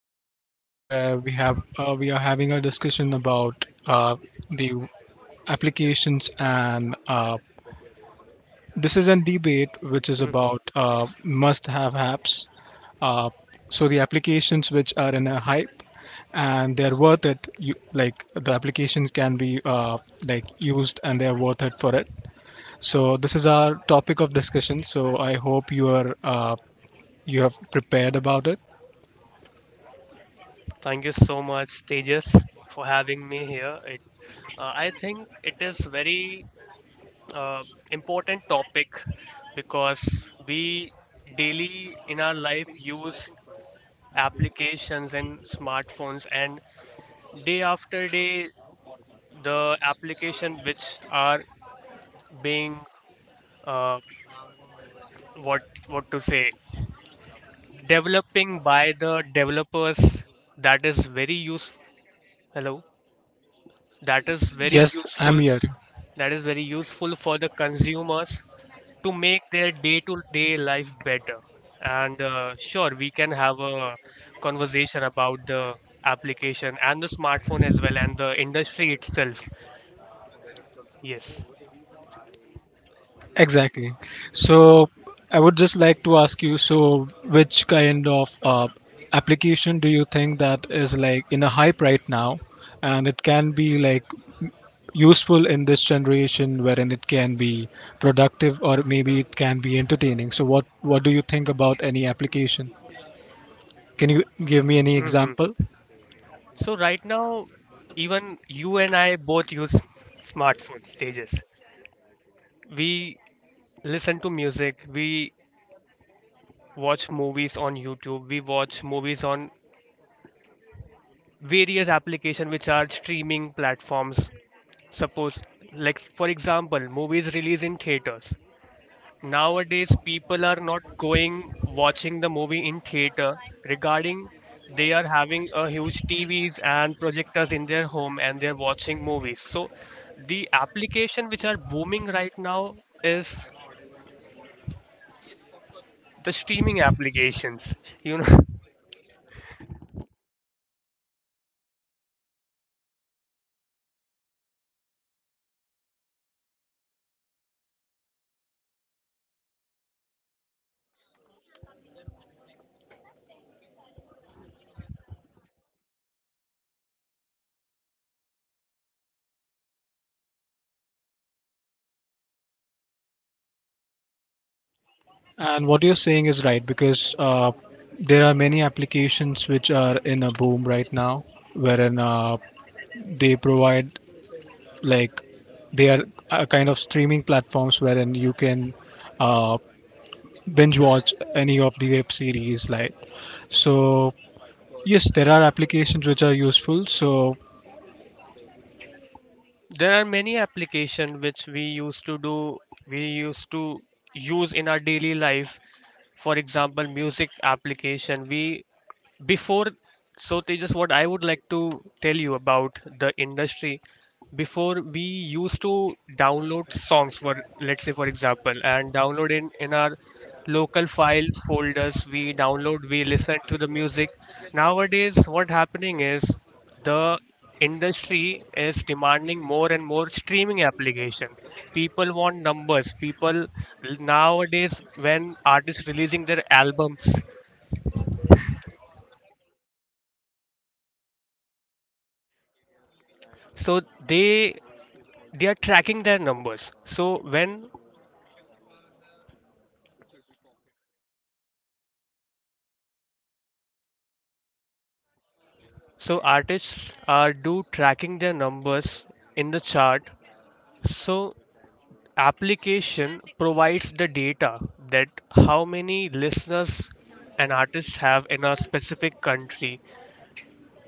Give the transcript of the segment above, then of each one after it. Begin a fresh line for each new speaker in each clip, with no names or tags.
in this room where we have we are having a discussion about the applications, and this is a debate which is
Hmm.
about must-have apps. Uh, so, the applications which are in a hype and they're worth it. Like the applications can be like used and they're worth it for it. So, this is our topic of discussion. So, I hope you have prepared about it.
Thank you so much, Tejas, for having me here. I think it is very uh, important topic because we daily in our life use applications and smartphones, and day after day the application which are being uh, what what to say developing by the developers. That is very use Hello. that is very
Yes, I'm
useful
here.
that is very useful for the consumers to make their day-to-day life better. And sure, we can have a conversation about the application and the smartphone as well and the industry itself. Yes.
Exactly. So I would just like to ask you, so which kind of application do you think that is like in a hype right now and it can be like useful in this generation wherein it can be productive or maybe it can be entertaining. So what do you think about any application? Can you give me any
hmm
example?
So right now, even you and I both use smartphone stages. We listen to music, we watch movies on YouTube, we watch movies on various applications which are streaming platforms. Suppose, like for example, movies release in theaters. Nowadays, people are not going watching the movie in theater. Regarding, they are having a huge TVs and projectors in their home and they're watching movies. So the application which are booming right now is the streaming applications. You know,
And what you're saying is right because there are many applications which are in a boom right now, wherein they provide like they are a kind of streaming platforms wherein you can uh, binge watch any of the web series. Like so, yes, there are applications which are useful. So
there are many applications which we used to use in our daily life. For example, music application, we before so Tejas, what I would like to tell you about the industry. Before, we used to download songs, for let's say for example, and download in our local file folders. We download, we listen to the music. Nowadays what happening is, the industry is demanding more and more streaming application. People want numbers. People nowadays, when artists releasing their albums, so they they are tracking their numbers. So when so artists are do tracking their numbers in the chart. So application provides the data that how many listeners an artist have in a specific country.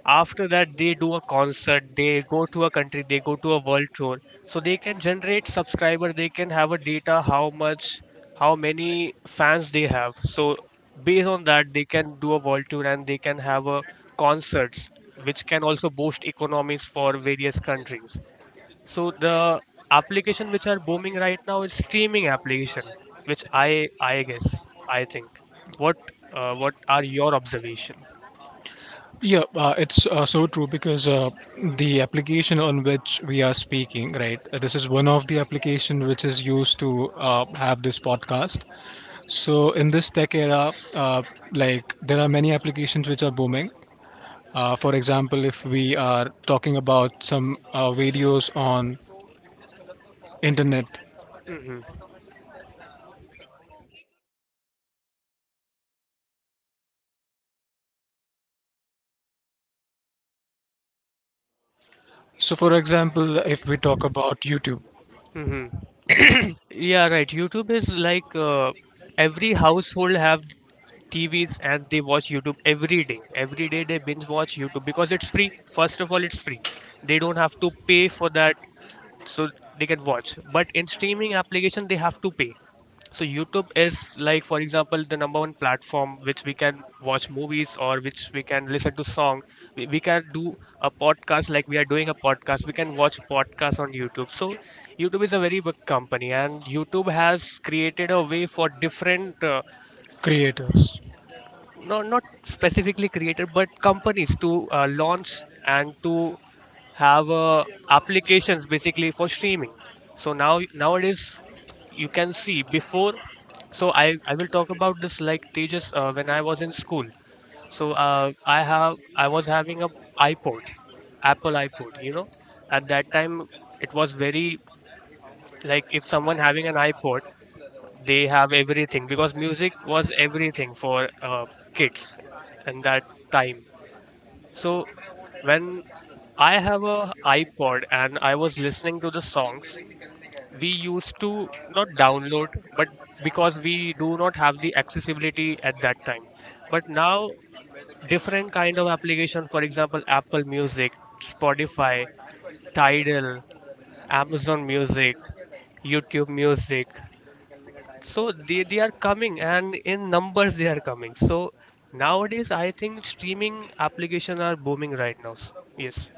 After that, they do a concert, they go to a country, they go to a world tour. So they can generate subscriber, they can have a data, how much, how many fans they have. So based on that, they can do a world tour and they can have a concerts, which can also boost economies for various countries. So the application which are booming right now is streaming application, which I guess, I think what what are your observation.
yeah, it's so true because the application on which we are speaking, right? This is one of the application which is used to have this podcast. So in this tech era, like there are many applications which are booming. For example, if we are talking about some videos on internet.
Mm-hmm.
So for example, if we talk about YouTube
Mm-hmm. Yeah, right. YouTube is like, every household have TVs and they watch YouTube every day. Every day they binge watch YouTube because it's free. First of all, it's free. They don't have to pay for that, so they can watch. But in streaming application, they have to pay. So YouTube is like, for example, the number one platform which we can watch movies or which we can listen to song. We can do a podcast like we are doing a podcast. We can watch podcasts on YouTube. So YouTube is a very big company, and YouTube has created a way for different,
creators.
no, not specifically created, but companies to launch and to have applications basically for streaming. So now, nowadays you can see, before, so I will talk about this, like Tejas, when I was in school. So I was having a iPod, Apple iPod. You know, at that time it was very, like if someone having an iPod, they have everything because music was everything for kids in that time. So when I have a iPod and I was listening to the songs, we used to not download, but because we do not have the accessibility at that time. But now, different kind of application, for example, Apple Music, Spotify, Tidal, Amazon Music, YouTube Music. So they are coming, and in numbers they are coming. So nowadays I think streaming application are booming right now. Yes.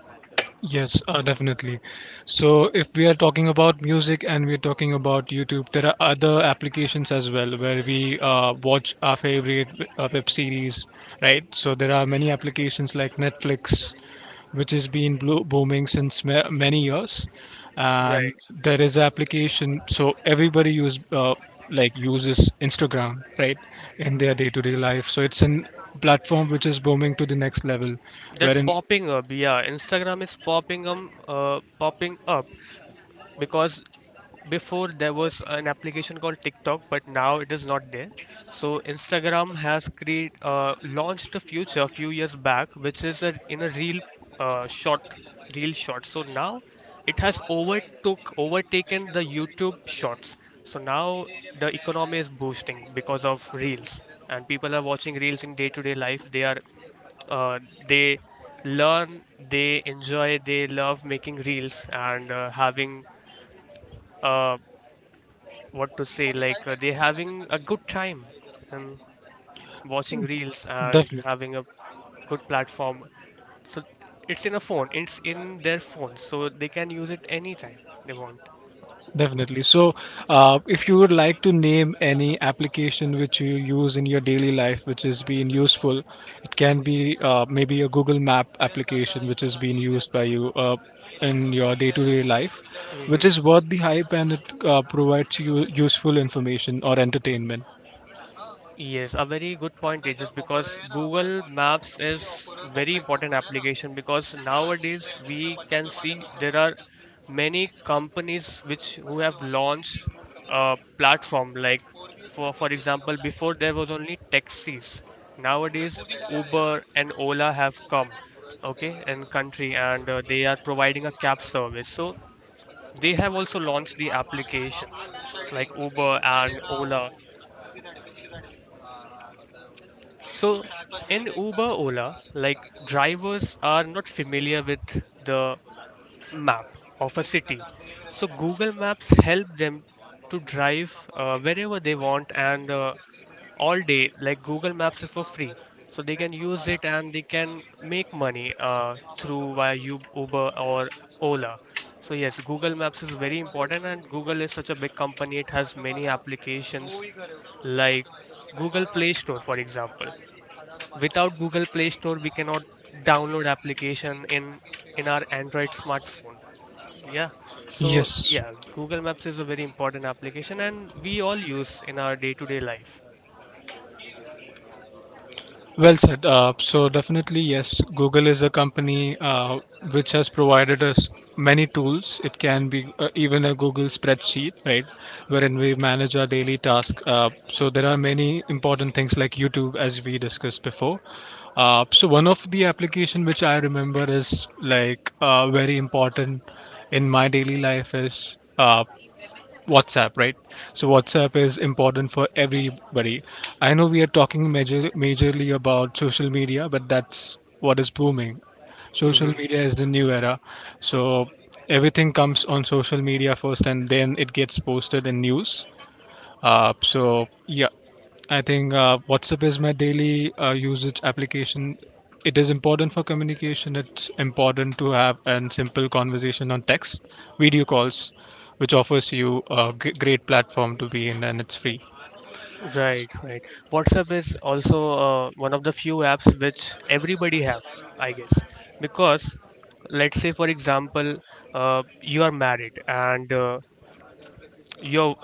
Yes, definitely. So, if we are talking about music and we're talking about YouTube, there are other applications as well where we watch our favorite web series, right? So, there are many applications like Netflix, which has been booming since many years, and
Right,
there is an application. So, everybody use like uses Instagram, right, in their day-to-day life. So, it's an platform which is booming to the next level,
that's
wherein
popping up. Yeah, Instagram is popping up because before there was an application called TikTok, but now it is not there. So Instagram has create launched a feature a few years back, which is in a uh, short, real short. So now it has overtook overtaken the YouTube Shorts. So now the economy is boosting because of reels, and people are watching reels in day-to-day life. Uh, they learn, they enjoy, they love making reels and having uh, what to say like they're having a good time and watching reels and
definitely.
having a good platform. So it's in their phone, so they can use it anytime they want.
Definitely. So, if you would like to name any application which you use in your daily life which is being useful, it can be maybe a Google Map application which is being used by you in your day to day life, which
Hmm.
is worth the hype and it provides you useful information or entertainment.
Yes, a very good point, Tejas, because Google Maps is very important application because nowadays we can see there are many companies which who have launched a platform, like for example, before there was only taxis. Nowadays Uber and Ola have come, okay, in country, and they are providing a cab service. So they have also launched the applications like Uber and Ola. So in Uber, Ola, like drivers are not familiar with the map of a city. So Google Maps help them to drive wherever they want, and all day. Like Google Maps is for free, so they can use it and they can make money through, via Uber or Ola. So yes, Google Maps is very important, and Google is such a big company. It has many applications like Google Play Store, for example. Without Google Play Store, we cannot download application in our Android smartphone. Yeah. So
Yes.
yeah, Google Maps is a very important application and we all use in our day-to-day life.
Well said. So definitely, yes, Google is a company which has provided us many tools. It can be even a Google spreadsheet, right, wherein we manage our daily task. So there are many important things like YouTube, as we discussed before. So one of the application which I remember is like very important in my daily life is WhatsApp, right? So WhatsApp is important for everybody. I know we are talking majorly about social media, but that's what is booming. Social
Hmm.
media is the new era. So everything comes on social media first, and then it gets posted in news. So yeah, I think WhatsApp is my daily usage application. It is important for communication. It's important to have a simple conversation on text, video calls, which offers you a great platform to be in, and it's free.
Right, right. WhatsApp is also one of the few apps which everybody have, I guess, because let's say for example, you are married and your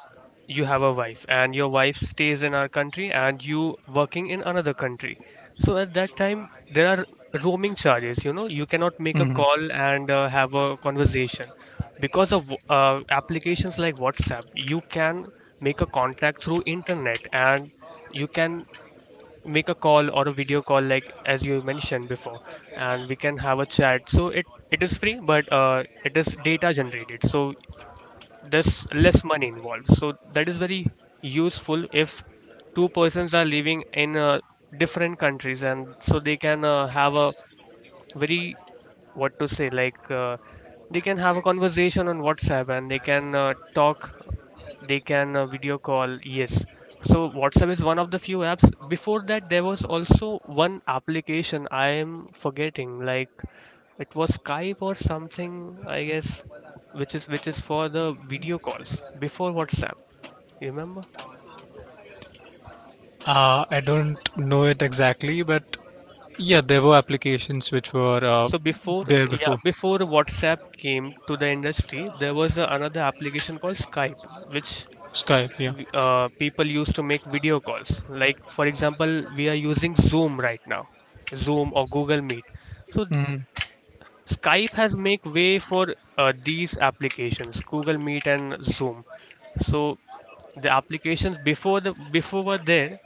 you have a wife and your wife stays in our country and you working in another country. So at that time, there are roaming charges, you cannot make a
Mhm.
call and have a conversation. Because of applications like WhatsApp, you can make a contact through internet and you can make a call or a video call, like as you mentioned before, and we can have a chat. So it is free, but it is data generated. So there's less money involved, so that is very useful if two persons are living in different countries. And so they can have a very what to say like they can have a conversation on WhatsApp, and they can talk, they can video call. Yes. So WhatsApp is one of the few apps. Before that, there was also one application I am forgetting, like, it was Skype or something, I guess, which is for the video calls before WhatsApp. You remember?
I don't know it exactly, but yeah, there were applications which were
So, before
there
yeah,
before
before WhatsApp came to the industry, there was another application called Skype, which
Skype. Yeah.
people used to make video calls. Like, for example, we are using Zoom right now, Zoom or Google Meet. So
Mhm.
Skype has make way for these applications, Google Meet and Zoom. So the applications before, the before were there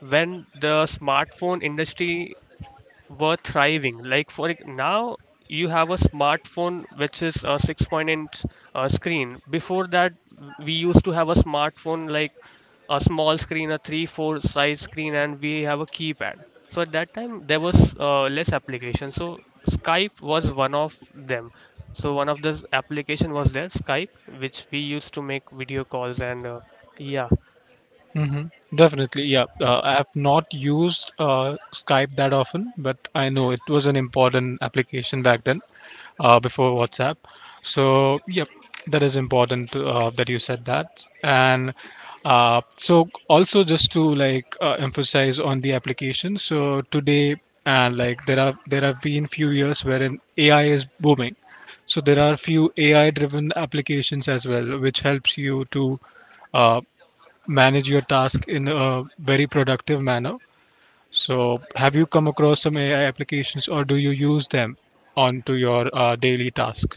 when the smartphone industry were thriving. Like, now, you have a smartphone which is a 6 point inch screen. Before that, we used to have a smartphone like a small screen, a 3-4 size screen, and we have a keypad. So at that time, there was less application. So Skype was one of them. So one of the application was there, Skype, which we used to make video calls, and yeah.
Hmm. Definitely, yeah. I have not used Skype that often, but I know it was an important application back then, before WhatsApp. So, yep, that is important that you said that. And so, also just to like emphasize on the application. So today, and like there have been few years wherein AI is booming. So there are few AI-driven applications as well, which helps you to uh manage your task in a very productive manner. So, have you come across some AI applications or do you use them onto your daily task?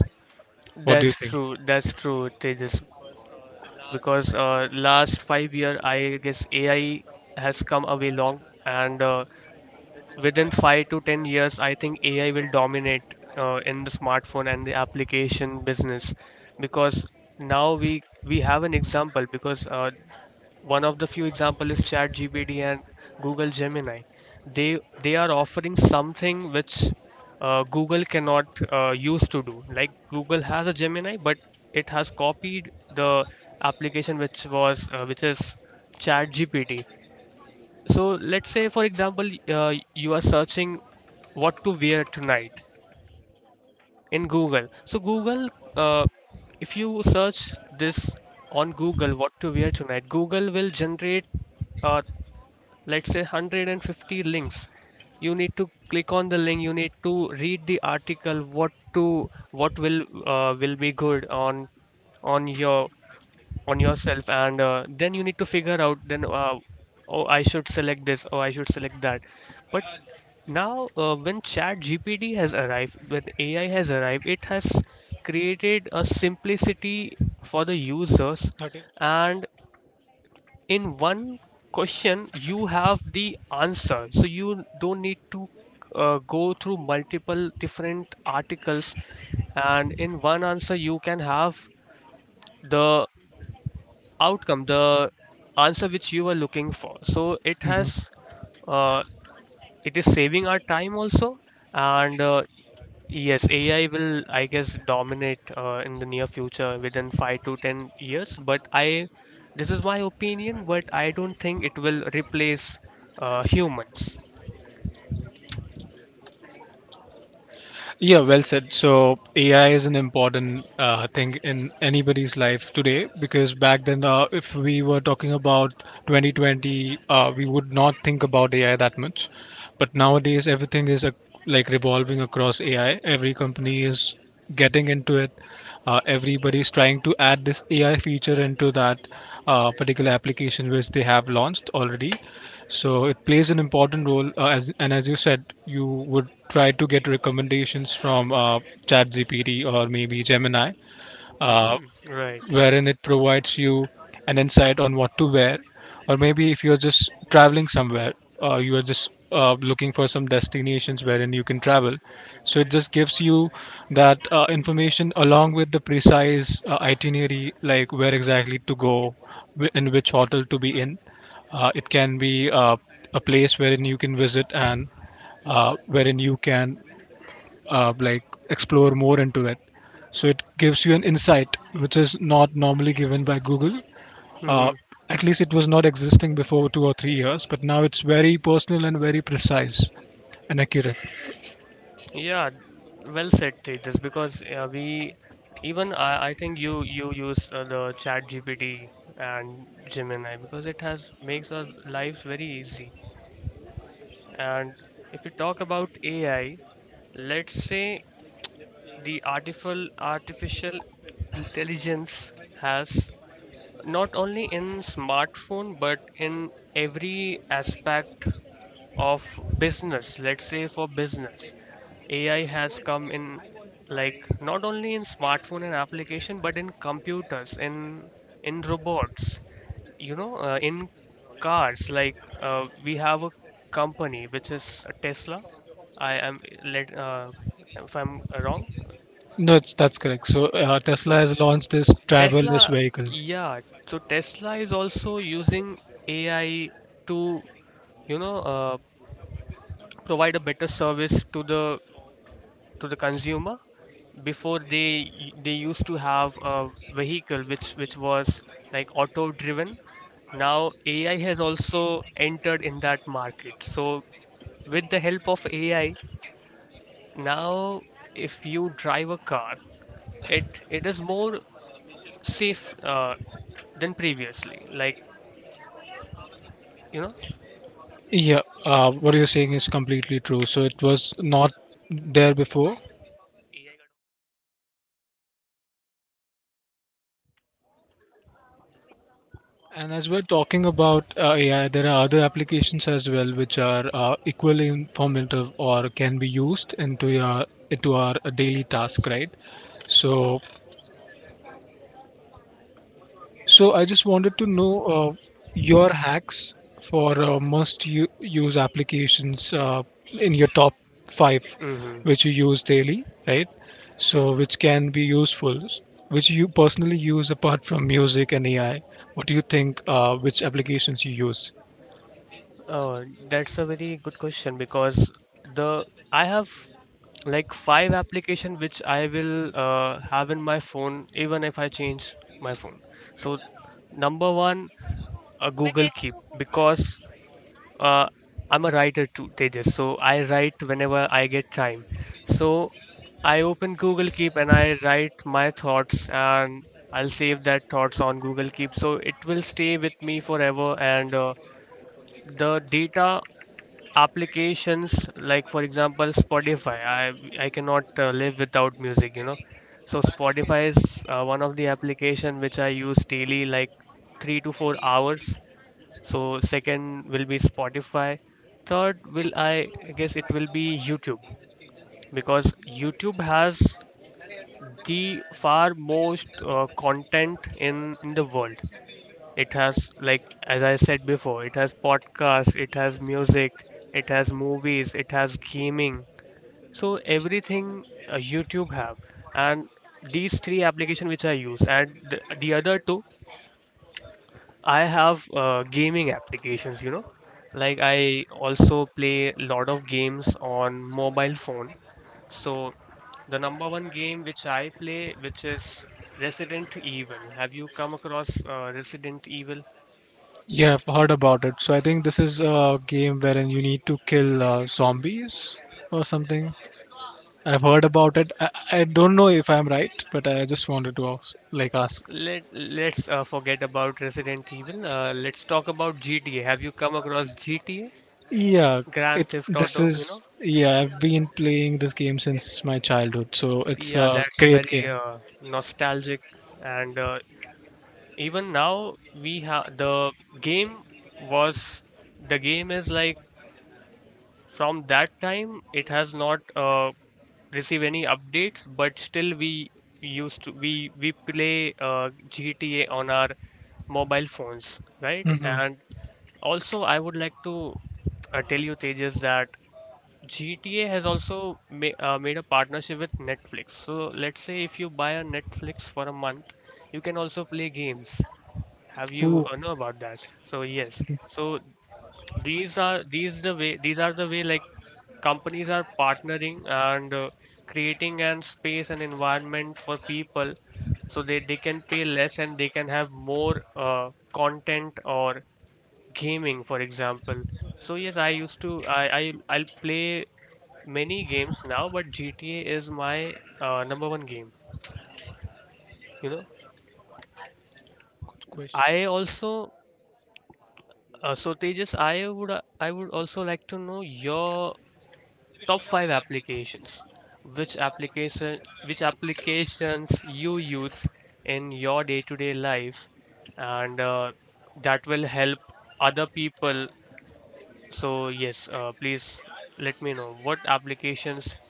What do you
That's
think?
true. That's true, Tejas. Because last 5 year, I guess AI has come a way long, and within 5 to 10 years, I think AI will dominate in the smartphone and the application business, because now we have an example, because one of the few example is ChatGPT and Google Gemini. They are offering something which Google cannot use to do. Like Google has a Gemini, but it has copied the application which is ChatGPT. So let's say, for example, you are searching what to wear tonight in Google. So Google, uh, if you search this on Google, what to wear tonight, Google will generate, uh, let's say, 150 links. You need to click on the link, you need to read the article what to what will be good on your on yourself, and then you need to figure out, then oh, I should select this or I should select that. But now, when chat gpd has arrived, when ai has arrived, it has created a simplicity for the users,
30.
and in one question you have the answer, so you don't need to go through multiple different articles, and in one answer you can have the outcome, the answer which you were looking for. So it
Mhm.
has, uh, it is saving our time also. And yes, ai will, I guess, dominate in the near future within 5 to 10 years, but I this is my opinion, but I don't think it will replace humans.
Yeah, well said. So AI is an important thing in anybody's life today because back then, if we were talking about 2020, we would not think about AI that much. But nowadays, everything is like revolving across AI. Every company is getting into it. Everybody's trying to add this AI feature into that particular application which they have launched already. So it plays an important role. As you said, you would try to get recommendations from ChatGPT or maybe Gemini, uh,
Hmm. Right.
wherein it provides you an insight on what to wear, or maybe if you're just traveling somewhere, you are just looking for some destinations wherein you can travel. So it just gives you that information along with the precise itinerary, like where exactly to go, in which hotel to be in. It can be a place wherein you can visit and wherein you can like explore more into it. So it gives you an insight which is not normally given by Google. Uh,
Hmm.
at least it was not existing before 2 or 3 years, but now it's very personal and very precise and accurate.
Yeah, well said, Tejas. Because we, even I think you use the chat gpt and gemini, because it has makes our lives very easy. And if we talk about AI, let's say the artificial intelligence has not only in smartphone but in every aspect of business. Let's say for business, ai has come in, like not only in smartphone and application but in computers, in robots, you know, in cars. Like we have a company which is tesla. I am let If I'm wrong.
No, it's, that's correct. So Tesla
So
has launched this driverless
Tesla,
vehicle.
yeah. So Tesla is also using AI to, you know, provide a better service to the consumer. Before they they used to have a vehicle which was like auto driven. Now AI has also entered in that market. So with the help of AI, now if you drive a car, it it is more safe uh, than previously. Like you know.
Yeah, what you're saying is completely true. So it was not there before. And as we're talking about AI, there are other applications as well which are equally informative or can be used into our daily task, right? So, so, I just wanted to know your hacks for use applications in your top five,
Hmm.
which you use daily, right? So, which can be useful, which you personally use apart from music and AI. What do you think? Which applications you use?
Oh, that's a very good question. Because the I have like five application which I will have in my phone even if I change my phone. So number one, Google Keep. Because uh, I'm a writer too, Tejas. So I write whenever I get time. So I open Google Keep and I write my thoughts, and I'll save that thoughts on Google Keep. So it will stay with me forever. And the data applications, like for example spotify, I cannot live without music, you know. So spotify is one of the application which I use daily, like 3 to 4 hours. So second will be spotify. Third will, I guess, it will be youtube. Because youtube has the far most content in the world. It has, like, as I said before, it has podcasts, it has music, it has movies, it has gaming. So everything YouTube have. And these three application which I use. And the other two, I have gaming applications. You know, like I also play lot of games on mobile phone. So the number one game which I play, which is Resident Evil. Have you come across Resident Evil?
Yeah, I've heard about it. So I think this is a game wherein you need to kill zombies or something. I've heard about it. I don't know if I'm right, but I just wanted to ask, like ask.
Let's forget about Resident Evil. Let's talk about GTA. Have you come across GTA?
Yeah,
Grand
it.
Theft
This
Auto, you know?
is, yeah. I've been playing this game since my childhood, so it's
Yeah,
a
that's
great
very
game.
nostalgic. And even now, we have the game was the game is like from that time, it has not receive any updates, but still we used to we play GTA on our mobile phones, right?
Hmm.
And also, I would like to tell you, Tejas, that GTA has also ma made a partnership with Netflix. So, let's say if you buy a Netflix for a month, you can also play games. Have you
Ooh,
know about that? So, yes. So, these are these are the way like companies are partnering and creating an space and environment for people so they can pay less and they can have more content or gaming, for example. So yes, I used to I I'll play many games now, but gta is my number one game, you know.
good question.
I also so tejas, I would I would also like to know your top five applications, which applications you use in your day-to-day life. And that will help other people. So yes, please let me know what applications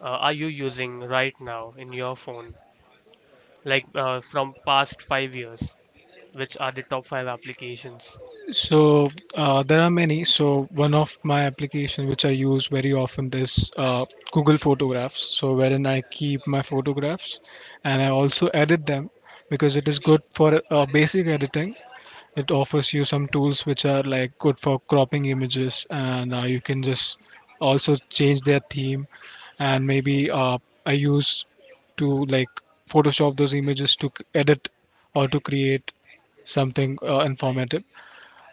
are you using right now in your phone, like from past 5 years? Which are the top five applications?
So there are many. So one of my application which I use very often is Google Photographs. So wherein I keep my photographs, and I also edit them because it is good for basic editing. It offers you some tools which are like good for cropping images, and you can just also change their theme. And maybe I use to like Photoshop those images to edit or to create something informative.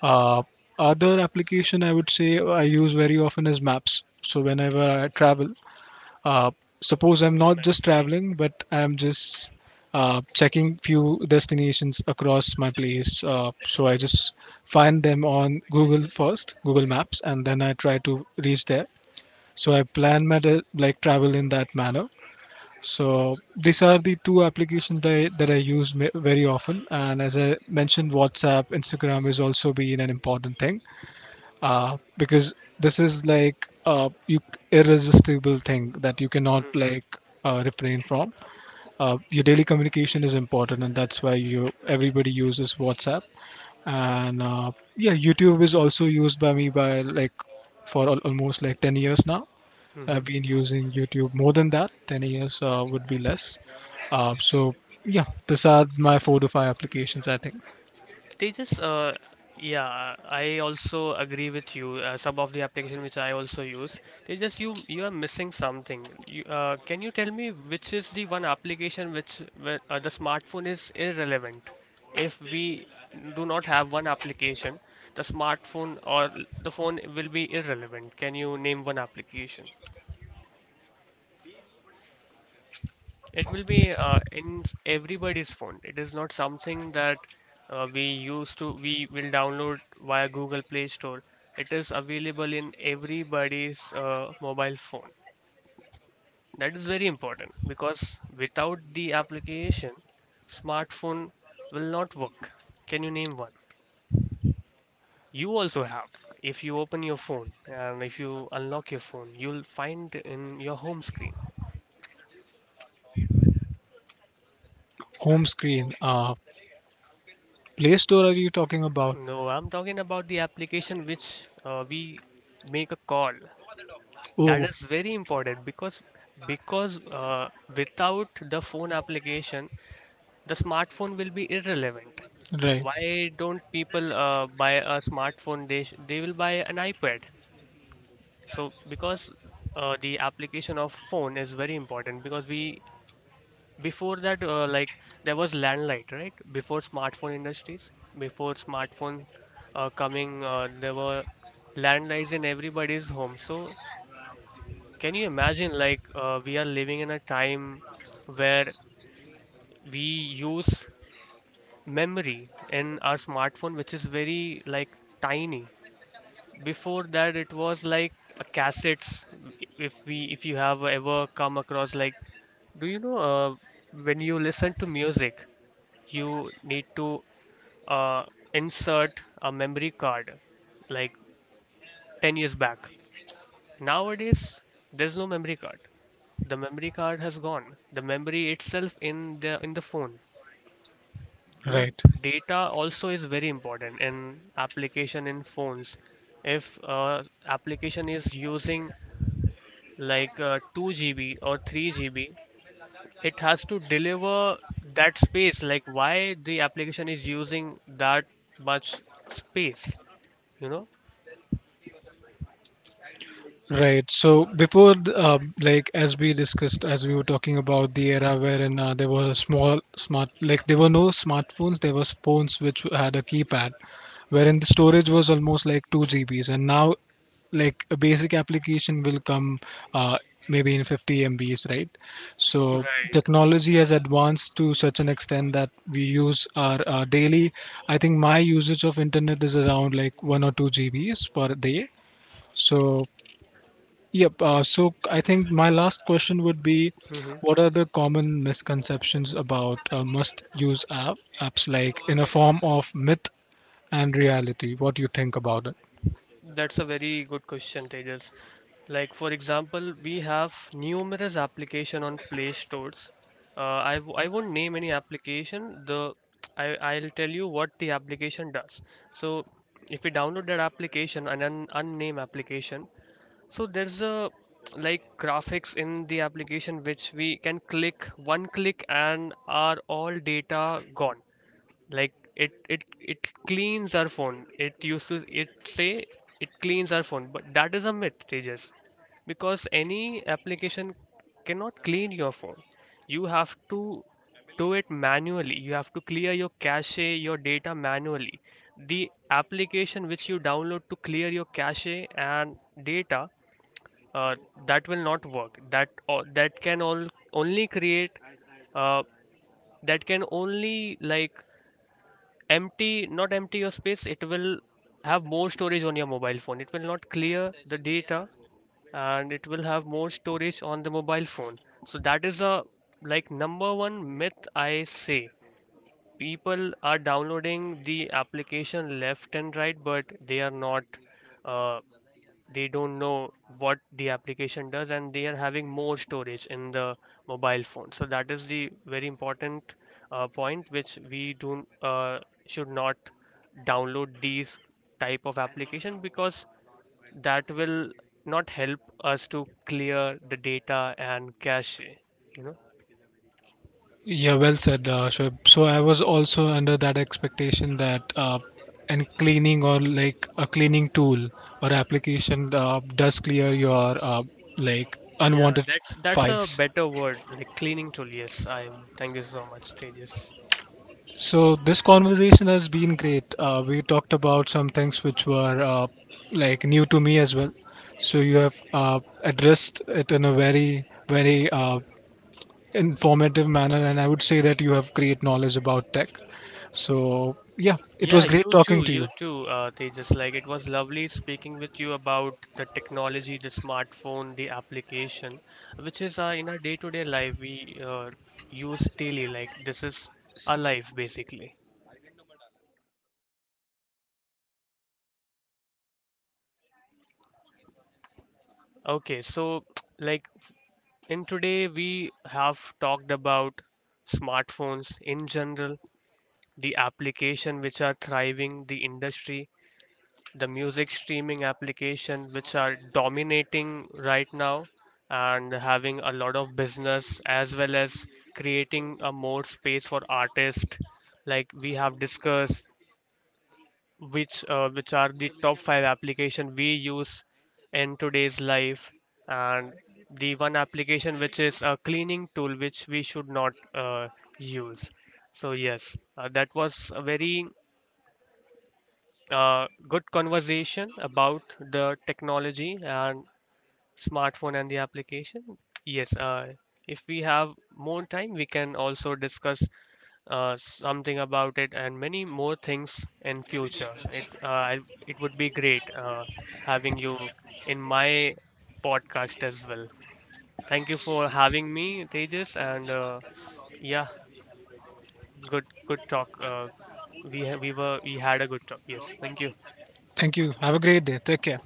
Uh, Other application I would say I use very often is maps. So whenever I travel, uh, suppose I'm not just traveling, but I'm just checking few destinations across my place. So I just find them on Google first, Google Maps, and then I try to reach there. So I plan my like travel in that manner. So these are the two applications that I use very often. And as I mentioned, WhatsApp, Instagram is also being an important thing because this is like you irresistible thing that you cannot
Mm-hmm.
like refrain from. Your daily communication is important, and that's why you everybody uses WhatsApp. And yeah, YouTube is also used by me by like for almost like 10 years now. I've
Mm-hmm.
been using YouTube more than that. 10 years would be less. So yeah, these are my four to five applications. I think
Tejas, yeah, I also agree with you. Some of the application which I also use, they just you are missing something. Can you tell me which is the one application which where, the smartphone is irrelevant? If we do not have one application, the smartphone or l- the phone will be irrelevant. Can you name one application? It will be in everybody's phone. It is not something that we will download via Google Play Store. It is available in everybody's mobile phone. That is very important, because without the application, smartphone will not work. Can you name one? You also have. If you open your phone and if you unlock your phone, you'll find in your home screen.
home screen, Play Store. Are you talking about?
No, I'm talking about the application which we make a call.
Oh,
That is very important. Because because uh, without the phone application, the smartphone will be irrelevant.
right.
Why don't people buy a smartphone? They will buy an iPad. So because the application of phone is very important. Because we, before that, like there was landline, right? Before smartphone industries, before smartphone coming, there were landlines in everybody's home. So can you imagine, like, we are living in a time where we use memory in our smartphone which is very like tiny. Before that, it was like a cassettes. If you have ever come across, like, do you know when you listen to music, you need to uh, insert a memory card, like 10 years back. Nowadays, there's no memory card. The memory card has gone. The memory itself in the phone. You know,
Right.
data also is very important in application in phones. If application is using like 2 GB or 3 GB, it has to deliver that space. Like, why the application is using that much space, you know?
Right. So before, like as we discussed, as we were talking about the era wherein there were small smart, like there were no smartphones. There was phones which had a keypad, wherein the storage was almost like 2 GB, and now like a basic application will come, uh, maybe in 50 MB, right? So. Right.
Right.
Technology has advanced to such an extent that we use our daily. I think my usage of internet is around like 1 or 2 GB per day. So, yep. So I think my last question would be,
Hmm.
what are the common misconceptions about must-use apps like in a form of myth and reality? What do you think about it?
That's a very good question, Tejas. Like for example, we have numerous application on Play Stores. I won't name any application. The I'll tell you what the application does. So if we download that application, an unnamed application, so there's a like graphics in the application which we can click one click and are all data gone. Like it cleans our phone, it uses it, say it cleans our phone, but that is a myth, tejas. Because any application cannot clean your phone. You have to do it manually, you have to clear your cache, your data manually. The application which you download to clear your cache and data, uh, that will not work. That can all only create uh, that can only, like, empty, not empty your space. It will have more storage on your mobile phone. It will not clear the data, and it will have more storage on the mobile phone. So that is a, like, number one myth, I say. People are downloading the application left and right, but they are not, uh, they don't know what the application does, and they are having more storage in the mobile phone. So that is the very important point which we do should not download these type of application, because that will not help us to clear the data and cache, you know.
Yeah, well said, Shoaib. So I was also under that expectation that and cleaning or like a cleaning tool or application does clear your like
Yeah,
unwanted
that's a
files.
better word, like cleaning tool. Yes, I'm. Thank you so much, Tejas.
So this conversation has been great. We talked about some things which were like new to me as well. So you have addressed it in a very, very informative manner, and I would say that you have great knowledge about tech. So yeah, it
Yeah,
was great talking to
you
you.
too, Tejas. Like it was lovely speaking with you about the technology, the smartphone, the application, which is in our day-to-day life we use daily. Like this is our
So,
life basically. Okay, so like in today we have talked about smartphones in general, the application which are thriving, the industry, the music streaming application which are dominating right now and having a lot of business, as well as creating a more space for artists. Like we have discussed which are the top five application we use in today's life. And the one application which is a cleaning tool, which we should not use. So yes, that was a very good conversation about the technology and smartphone and the application. Yes, if we have more time, we can also discuss something about it and many more things in future. It would be great having you in my podcast as well. Thank you for having me, Tejas, and yeah, good good talk. We were we had a good talk. Yes, thank you.
thank you. Have a great day. Take care.